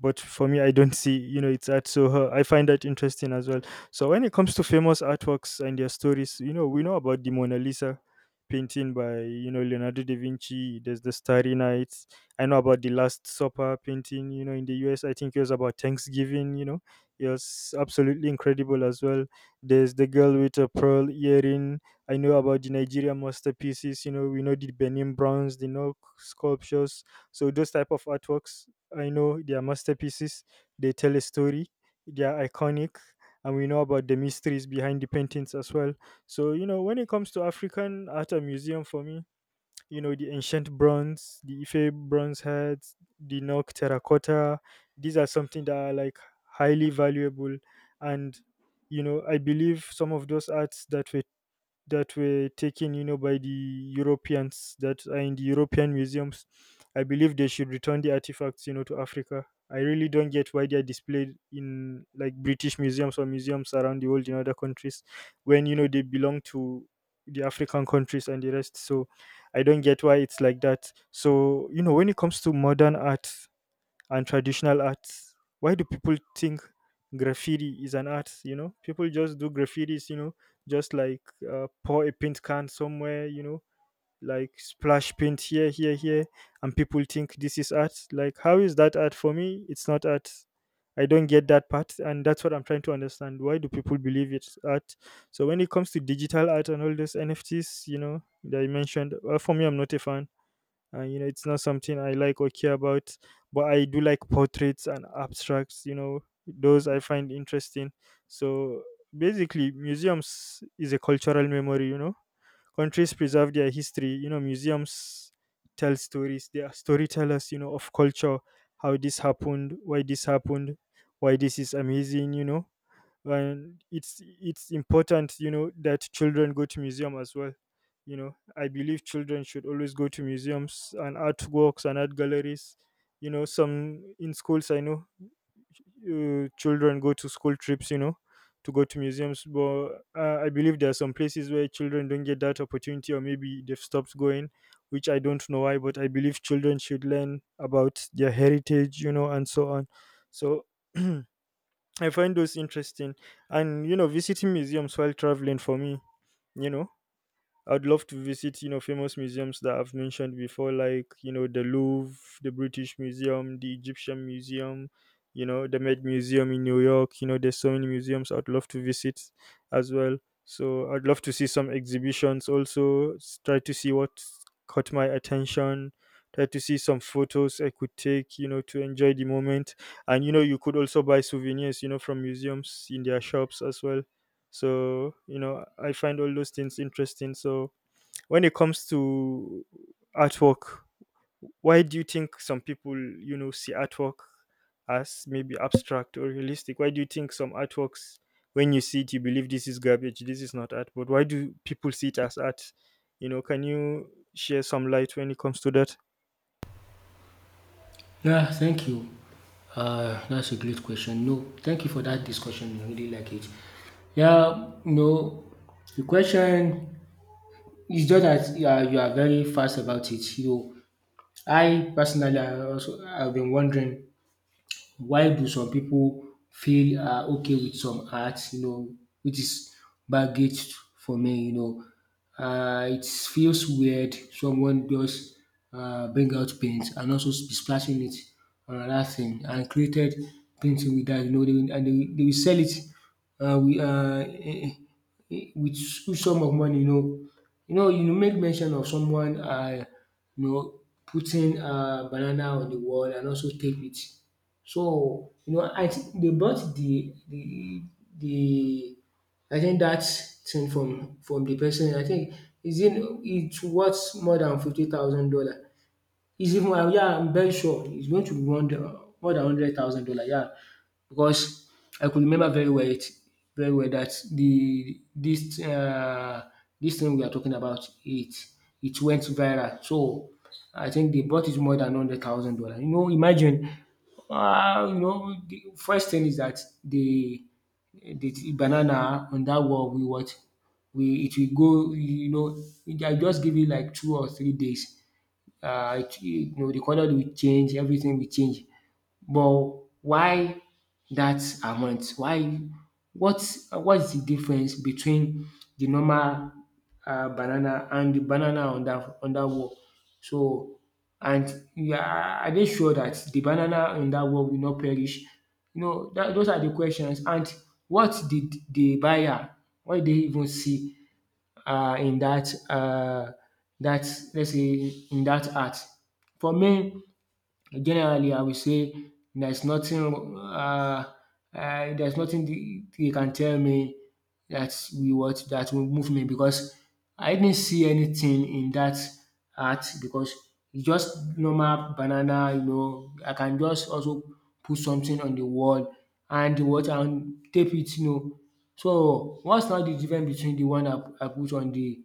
Speaker 1: but for me, I don't see, you know, it's art. So uh, I find that interesting as well. So when it comes to famous artworks and their stories, you know, we know about the Mona Lisa painting by, you know, Leonardo da Vinci. There's the Starry Night. I know about the Last Supper painting, you know, in the U S. I think it was about Thanksgiving, you know, it was absolutely incredible as well. There's the girl with a pearl earring. I know about the Nigerian masterpieces. You know, we know the Benin bronze, the Nok sculptures, so those type of artworks, I know they are masterpieces, they tell a story, they are iconic, and we know about the mysteries behind the paintings as well. So, you know, when it comes to African art and museum, for me, you know, the ancient bronze, the Ife bronze heads, the Nok terracotta, these are something that are like highly valuable. And you know, I believe some of those arts that were that were taken, you know, by the Europeans that are in the European museums. I believe they should return the artifacts, you know, to Africa. I really don't get why they are displayed in like British museums or museums around the world in other countries when you know they belong to the African countries and the rest. So I don't get why it's like that. So, you know, when it comes to modern art, and traditional arts. Why do people think graffiti is an art? You know, people just do graffitis. You know, just like uh, pour a paint can somewhere. You know, like splash paint here, here, here, and people think this is art. Like, how is that art for me? It's not art. I don't get that part, and that's what I'm trying to understand. Why do people believe it's art? So when it comes to digital art and all those N F Ts, you know, that you mentioned, well, for me, I'm not a fan, and you know it's not something I like or care about, but I do like portraits and abstracts, you know, those I find interesting. So basically museums is a cultural memory, you know, countries preserve their history, you know, museums tell stories, they are storytellers, you know, of culture. How this happened, why this happened, why this is amazing, you know. And it's it's important, you know, that children go to museum as well. You know, I believe children should always go to museums and artworks and art galleries. You know, some in schools, I know, uh, children go to school trips, you know, to go to museums, but uh, I believe there are some places where children don't get that opportunity, or maybe they've stopped going, which I don't know why, but I believe children should learn about their heritage, you know, and so on. So I find those interesting. And, you know, visiting museums while traveling for me, you know, I'd love to visit, you know, famous museums that I've mentioned before, like, you know, the Louvre, the British Museum, the Egyptian Museum, you know, the Met Museum in New York. You know, there's so many museums I'd love to visit as well. So I'd love to see some exhibitions also, s- try to see what caught my attention, try to see some photos I could take, you know, to enjoy the moment. And, you know, you could also buy souvenirs, you know, from museums in their shops as well. So, you know, I find all those things interesting. So, when it comes to artwork, why do you think some people, you know, see artwork as maybe abstract or realistic? Why do you think some artworks, when you see it, you believe this is garbage, this is not art? But why do people see it as art? You know, can you share some light when it comes to that?
Speaker 2: Yeah, thank you. Uh, that's a great question. No, thank you for that discussion. I really like it. Yeah, no, the question it's just that you are you are very fast about it. You, I personally, I also I've been wondering why do some people feel are okay with some art, you know, which is baggage for me, you know. Uh, it feels weird someone just uh, bring out paint and also be splashing it on another thing and created painting with that, you know, they will, and they will, they will sell it uh, with, uh, eh, eh, eh, with some of money, you know. You know, you make mention of someone, uh, you know, putting uh, banana on the wall and also tape it. So, you know, I think they bought the the the I think that thing from from the person. I think is it it's worth more than fifty thousand dollar. He's even well, yeah, I'm very sure he's going to want more than hundred thousand dollar. Yeah, because I could remember very well it very well that the this uh, this thing we are talking about it it went viral. So I think they bought it more than hundred thousand dollar. You know, imagine. Uh, you know, the first thing is that the the banana on that wall we what we it will go, you know, I just give it like two or three days, um you know the colour will change, everything will change. But why that amount? Why what what is the difference between the normal um banana and the banana on that on that wall? So and yeah, are they sure that the banana on that wall will not perish? You know dat those are the questions and what did the buyer what did they even see uh, in that uh, that let's say in that art. For me, generally, I will say there's nothing um um there's nothing the you can tell me that we what that will move me because I didn't see anything in that art because it's just normal banana, you know. I can just also put something on the wall and what and tape it, you know. So what's now the difference between the one I I put on the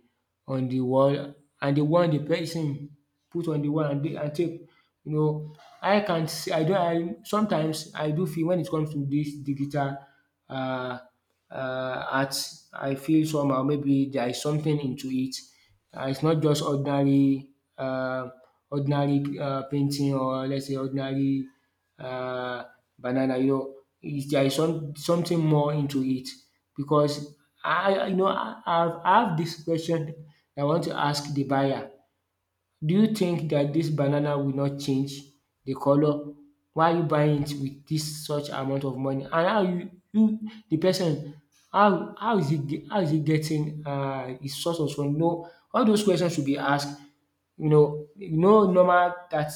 Speaker 2: on the wall and the one the person put on the wall and the- and tape, you know. I can see, I do. I sometimes I do feel when it comes to this digital uh, uh art I feel somehow maybe there is something into it. Uh, It's not just ordinary uh, ordinary uh, painting or let's say ordinary uh, banana. You know, is there is some something more into it because I I- you know I, I've- I have this question I want to ask the buyer. Do you think that this banana will not change the color? Why are you buying it with this such amount of money? And how you you the person how how is he ge- how is he getting uh his sources from? No, all those questions should be asked. You know you know normal that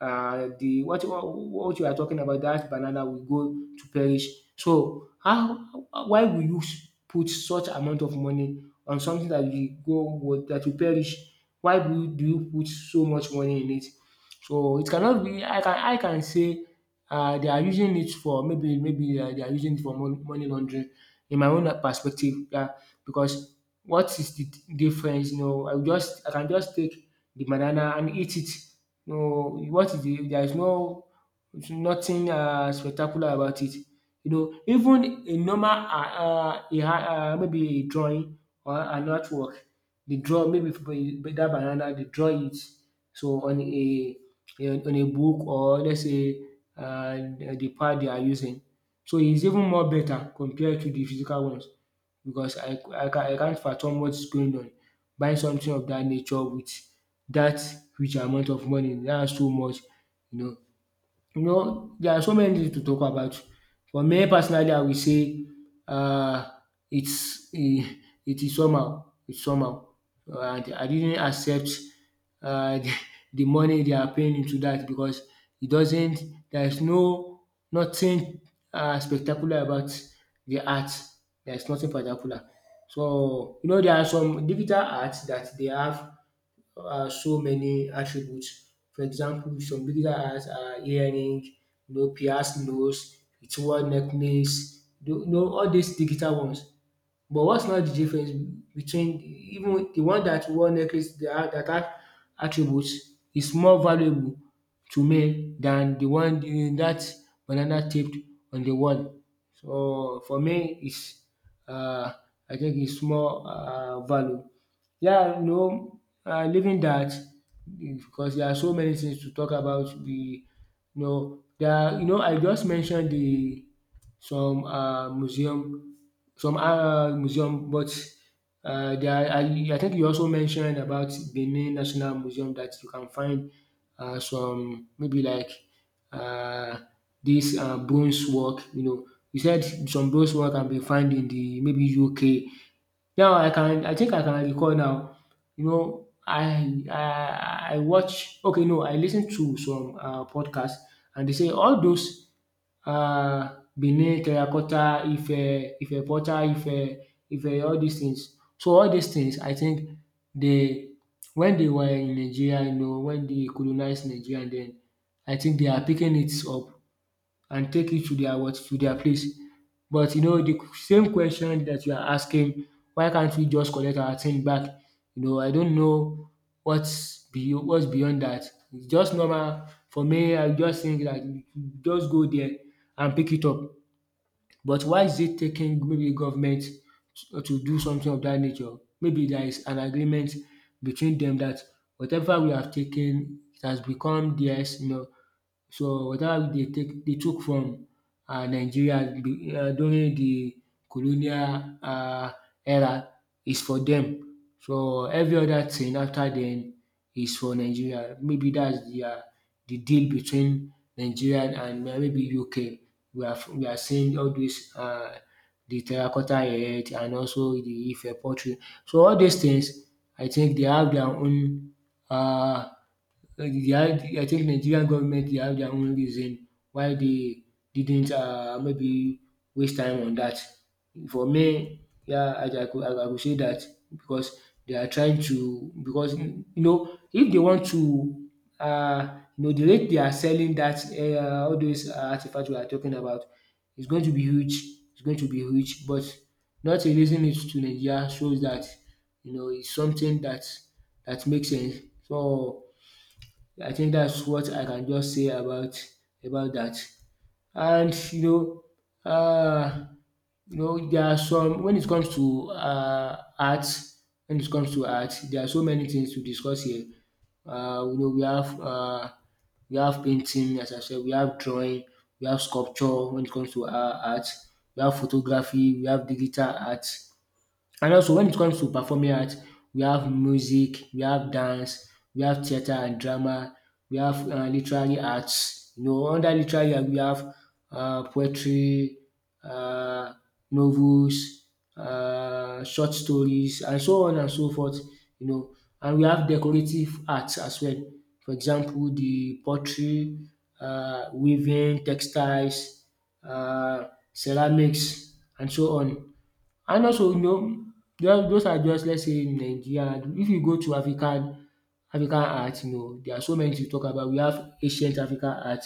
Speaker 2: uh the what what what you are talking about that banana will go to perish. So how why will you s- put such amount of money on something that will go would that will perish? Why do you do you put so much money in it? So it cannot be I can I can say um they are using it for maybe maybe uh, they are using it for money money laundering in my own uh, perspective. Yeah, because what is the difference? You know, I will just I can just take the banana and eat it. You know, what is the there is no nothing um spectacular about it. You know, even a normal um um maybe a drawing or an artwork, dey draw maybe for a- for that banana they draw it so on a on a book or let's say um the pad they are using. So it's even more better compared to the physical ones because I I ca- I can't fathom what is going on. Buying something of that nature with that huge amount of money, that's too much, you know. You know, there are so many things to talk about. For me personally, I will say um it's e it is somehow, it's somehow. Uh, And I didn't accept um the the money they are paying into that because it doesn't there is no nothing um spectacular about the art. There is nothing spectacular. So you know there are some digital arts that they have uh, so many attributes. For example, some beginner has uh, earring, you know, pierced nose, it's one necklace, you know, all these digital ones. But what's not the difference between even the one that wore necklace that had that had attributes is more valuable to me than the one the that banana taped on the wall. So for me it's uh I think it's more uh value. Yeah, no. Uh, leaving that because there are so many things to talk about the you know there are you know I just mentioned the some uh museum some um museum but uh there are I I think you also mentioned about Benin National Museum that you can find uh some maybe like uh this uh bronze work, you know. You said some bronze work can be found in the maybe U K. Now I can I think I can recall now, you know, I I I watch okay no I listen to some uh podcast and they say all those um Benin terracotta, Ife, Ife Portal, Ife, Ife, all these things. So all these things I think they, when they were in Nigeria, you know, when they colonized Nigeria then I think they are picking it up and take it to their what to their place. But you know the same question that you are asking, why can't we just collect our thing back? You know I don't know what's be what's beyond that. It's just normal for me I just think that you just go there and pick it up. But why is it taking maybe government to to do something of that nature? Maybe there is an agreement between them that whatever we have taken it has become theirs, you know, so whatever they take they took from um Nigeria be- uh, during the colonial um era is for them. So every other thing after then is for Nigeria. Maybe that's their the deal between Nigeria and uh, maybe U K. We are f- we are seeing all these uh the terracotta head and also the Ife pottery. So all these things I think they have their own uh. Uh, the- I I think Nigerian government they have their own reason why they didn't um maybe waste time on that. For me yeah I I could I I could say that because they are trying to because you know if they want to um you know the rate they are selling that, um all those uh, artifacts we are talking about is going to be huge, it's going to be huge but not releasing it to Nigeria shows that, you know, it's something that that makes sense. So I think that's what I can just say about about that. And you know um you know there are some when it comes to um art when it comes to art there are so many things to discuss here. Um you know we have um we have painting as I said, we have drawing, we have sculpture when it comes to um art, we have photography, we have digital art and also when it comes to performing arts, we have music, we have dance, we have theater and drama, we have uh, literary arts. You know, under literary art, we have uh, poetry, uh, novels, uh, short stories, and so on and so forth. You know, and we have decorative arts as well. For example, the pottery, uh, weaving, textiles, uh, ceramics, and so on. And also you know just those are just let's say in Nigeria. And if you go to African African art you know there are so many to talk about. We have ancient African art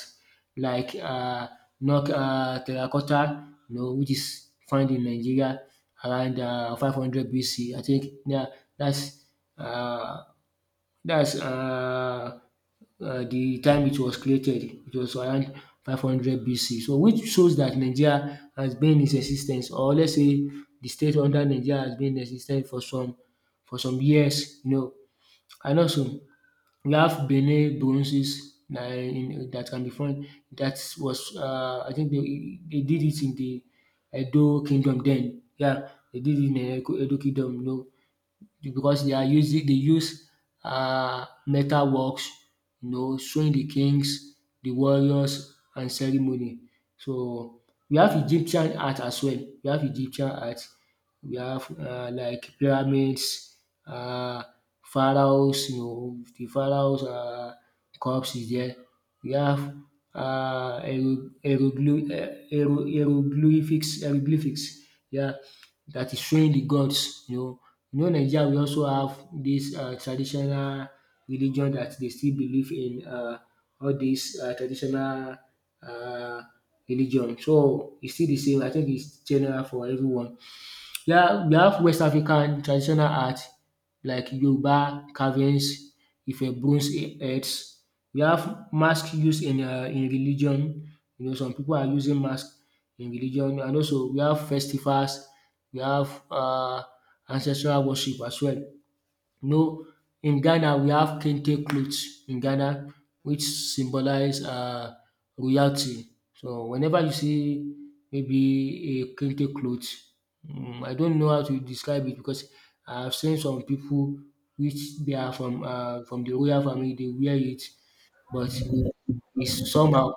Speaker 2: like uh, knock uh, terracotta, you know, which is found in Nigeria around uh, five hundred B C, I think. Yeah, that's uh. That's um um The time it was created. It was around five hundred B C. So which shows that Nigeria has been in existence, or let's say the state under Nigeria has been in existence for some for some years, you know. And also we have Benin bronzes na in that can be found that was um I think they they did it in the Edo Kingdom then. Yeah, they did it in Edo Edo Kingdom, you know, because they are using they use um metal works, you know, showing the kings, the warriors and ceremony. So we have Egyptian art as well, we have Egyptian art. We have uh, like pyramids, uh, pharaohs, you know, the pharaohs' uh, cups is there. We have uh, hiero- hieroglyph- eh, hiero- hieroglyphics, hieroglyphics, yeah, that is showing the gods, you know. You know, Nigeria, we also have this uh, traditional religion that they still believe in uh, all these uh, traditional uh, religion. So it's still the same. I think it's general for everyone. We have we have West African traditional art like Yoruba carvings, Ife bronze heads. We have mask used in um in religion, you know, some people are using mask in religion, and also we have festivals, we have uh ancestral worship as well. You know, in Ghana, we have kente clothes in Ghana, which symbolize um royalty. So whenever you see maybe a kente clothes, um I don't know how to describe it because I have seen some people which they are from um from the royal family, they wear it, but you know, it's somehow.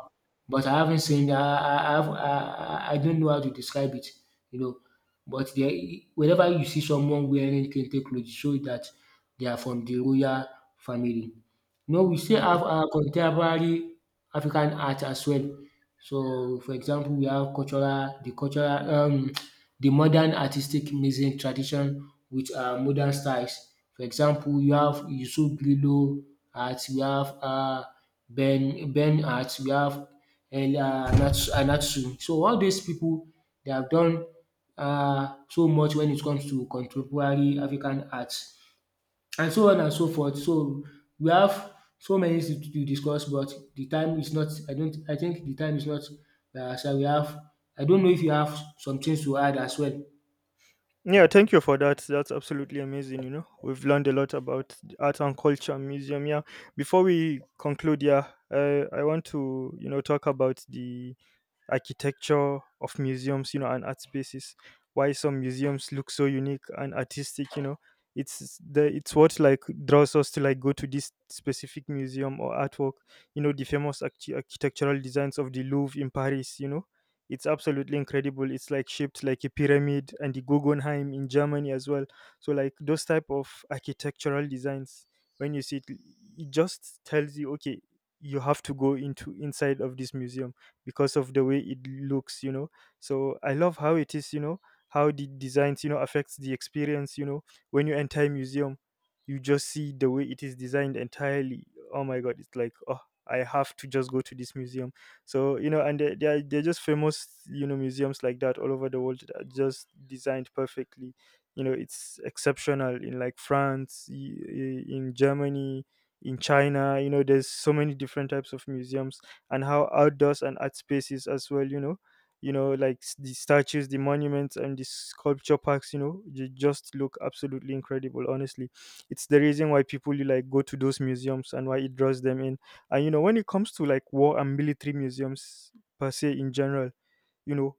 Speaker 2: But I haven't seen. I I I, have- I, I I don't know how to describe it. You know, but there, whenever you see someone wearing kente clothes, it shows that they are from the royal family. No, we still have
Speaker 1: Mm.
Speaker 2: our contemporary African art as well. So for example, we have cultural the cultural um the modern artistic music tradition with um modern styles. For example, you have Yusuf Lilo art, we have um Ben Ben art, we have El uh, Anat- Anatsu. So all these people they have done um so much when it comes to contemporary African art and so on and so forth. So we have so many things to discuss, but the time is not I don't I think the time is not by our. We have, I don't know if you have some things to add as well?
Speaker 1: Yeah, thank you for that. That's absolutely amazing. You know, we've learned a lot about art and culture and museum. Yeah, before we conclude, yeah, uh, I want to, you know, talk about the architecture of museums, you know, and art spaces. Why some museums look so unique and artistic, you know. It's the it's what like draws us to like go to this specific museum or artwork. You know, the famous archi- architectural designs of the Louvre in Paris, you know. It's absolutely incredible. It's like shaped like a pyramid, and the Guggenheim in Germany as well. So like those type of architectural designs, when you see it, it just tells you, okay, you have to go into inside of this museum because of the way it looks, you know. So I love how it is, you know, how the designs, you know, affects the experience, you know. When you enter a museum, you just see the way it is designed entirely. Oh my god, it's like, oh, I have to just go to this museum. So you know, and they're, they're, they're just famous, you know, museums like that all over the world that are just designed perfectly. You know, it's exceptional in like France, i- i- in Germany, in China, you know, there's so many different types of museums. And how outdoors and art spaces as well, you know. You know, like s- the statues, the monuments, and the sculpture parks, you know, they just look absolutely incredible, honestly. It's the reason why people like go to those museums and why it draws them in. And you know when it comes to like war and military museums, per se, in general, you know,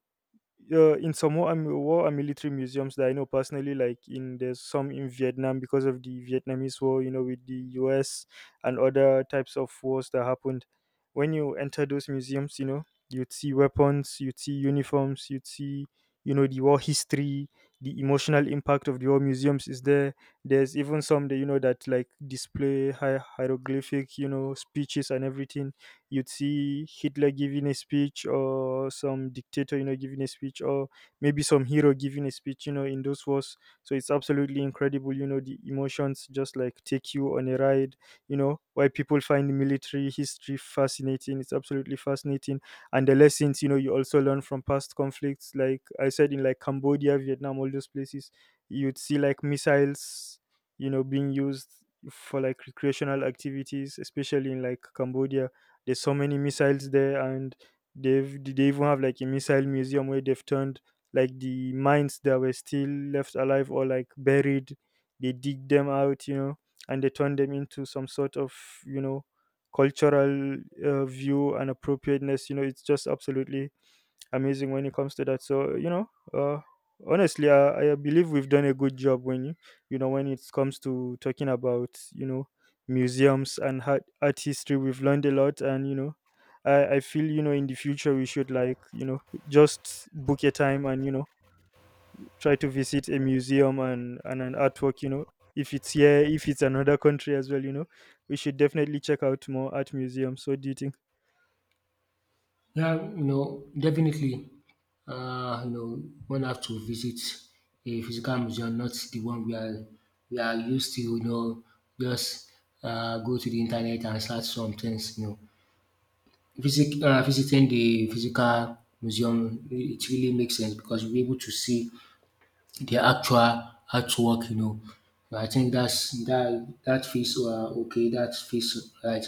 Speaker 1: uh, in some war and, war and military museums that I know personally, like in there's some in Vietnam because of the Vietnamese war, you know, with the U S and other types of wars that happened. When you enter those museums, you know, you'd see weapons, you'd see uniforms, you'd see, you know, the war history, the emotional impact of the war museums is there. There's even some that, you know, that like display hi- hieroglyphic, you know, speeches and everything. You'd see Hitler giving a speech or some dictator, you know, giving a speech, or maybe some hero giving a speech, you know, in those wars. So it's absolutely incredible, you know, the emotions just like take you on a ride, you know, why people find military history fascinating. It's absolutely fascinating. And the lessons, you know, you also learn from past conflicts, like I said, in like Cambodia, Vietnam, all those places, you'd see like missiles, you know, being used for like recreational activities, especially in like Cambodia, there's so many missiles there, and they've they even have like a missile museum where they've turned like the mines that were still left alive or like buried. They dig them out, you know, and they turn them into some sort of, you know, cultural uh, view and appropriateness. You know, it's just absolutely amazing when it comes to that. So you know, uh, honestly, I, I believe we've done a good job when you you know, when it comes to talking about, you know, museums and art, art history. We've learned a lot, and you know, I I feel you know in the future we should like you know just book a time and you know try to visit a museum and, and an artwork, you know, if it's here, if it's another country as well, you know, we should definitely check out more art museums. What do you think?
Speaker 2: Yeah, you know, definitely um you know, one have to visit a physical museum, not the one we are we are used to, you know, just um go to the internet and search some things, you know. Visit um visiting the physical museum, it really makes sense because you'll be able to see the actual artwork, you know. So I think that's that that feels uh, okay. That feels right.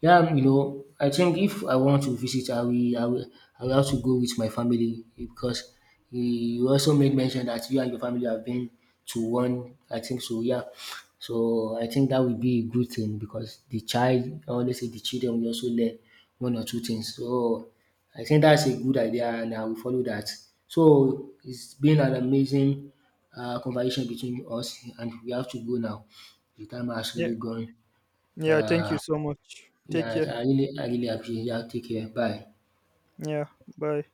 Speaker 2: Yeah, um, you know, I think if I want to visit, I will, I will, I will have to go with my family because you also made mention that you and your family have been to one. I think so. Yeah. So I think that would be a good thing because the child, I always say the children will also learn one or two things. So I think that's a good idea and I will follow that. So it's been an amazing uh, conversation between us, and we have to go now. The time has
Speaker 1: Yeah.
Speaker 2: really gone.
Speaker 1: Yeah, thank
Speaker 2: Uh,
Speaker 1: you so much, take
Speaker 2: yeah,
Speaker 1: care.
Speaker 2: I really, I really appreciate. Yeah, take care. Bye.
Speaker 1: Yeah. Bye.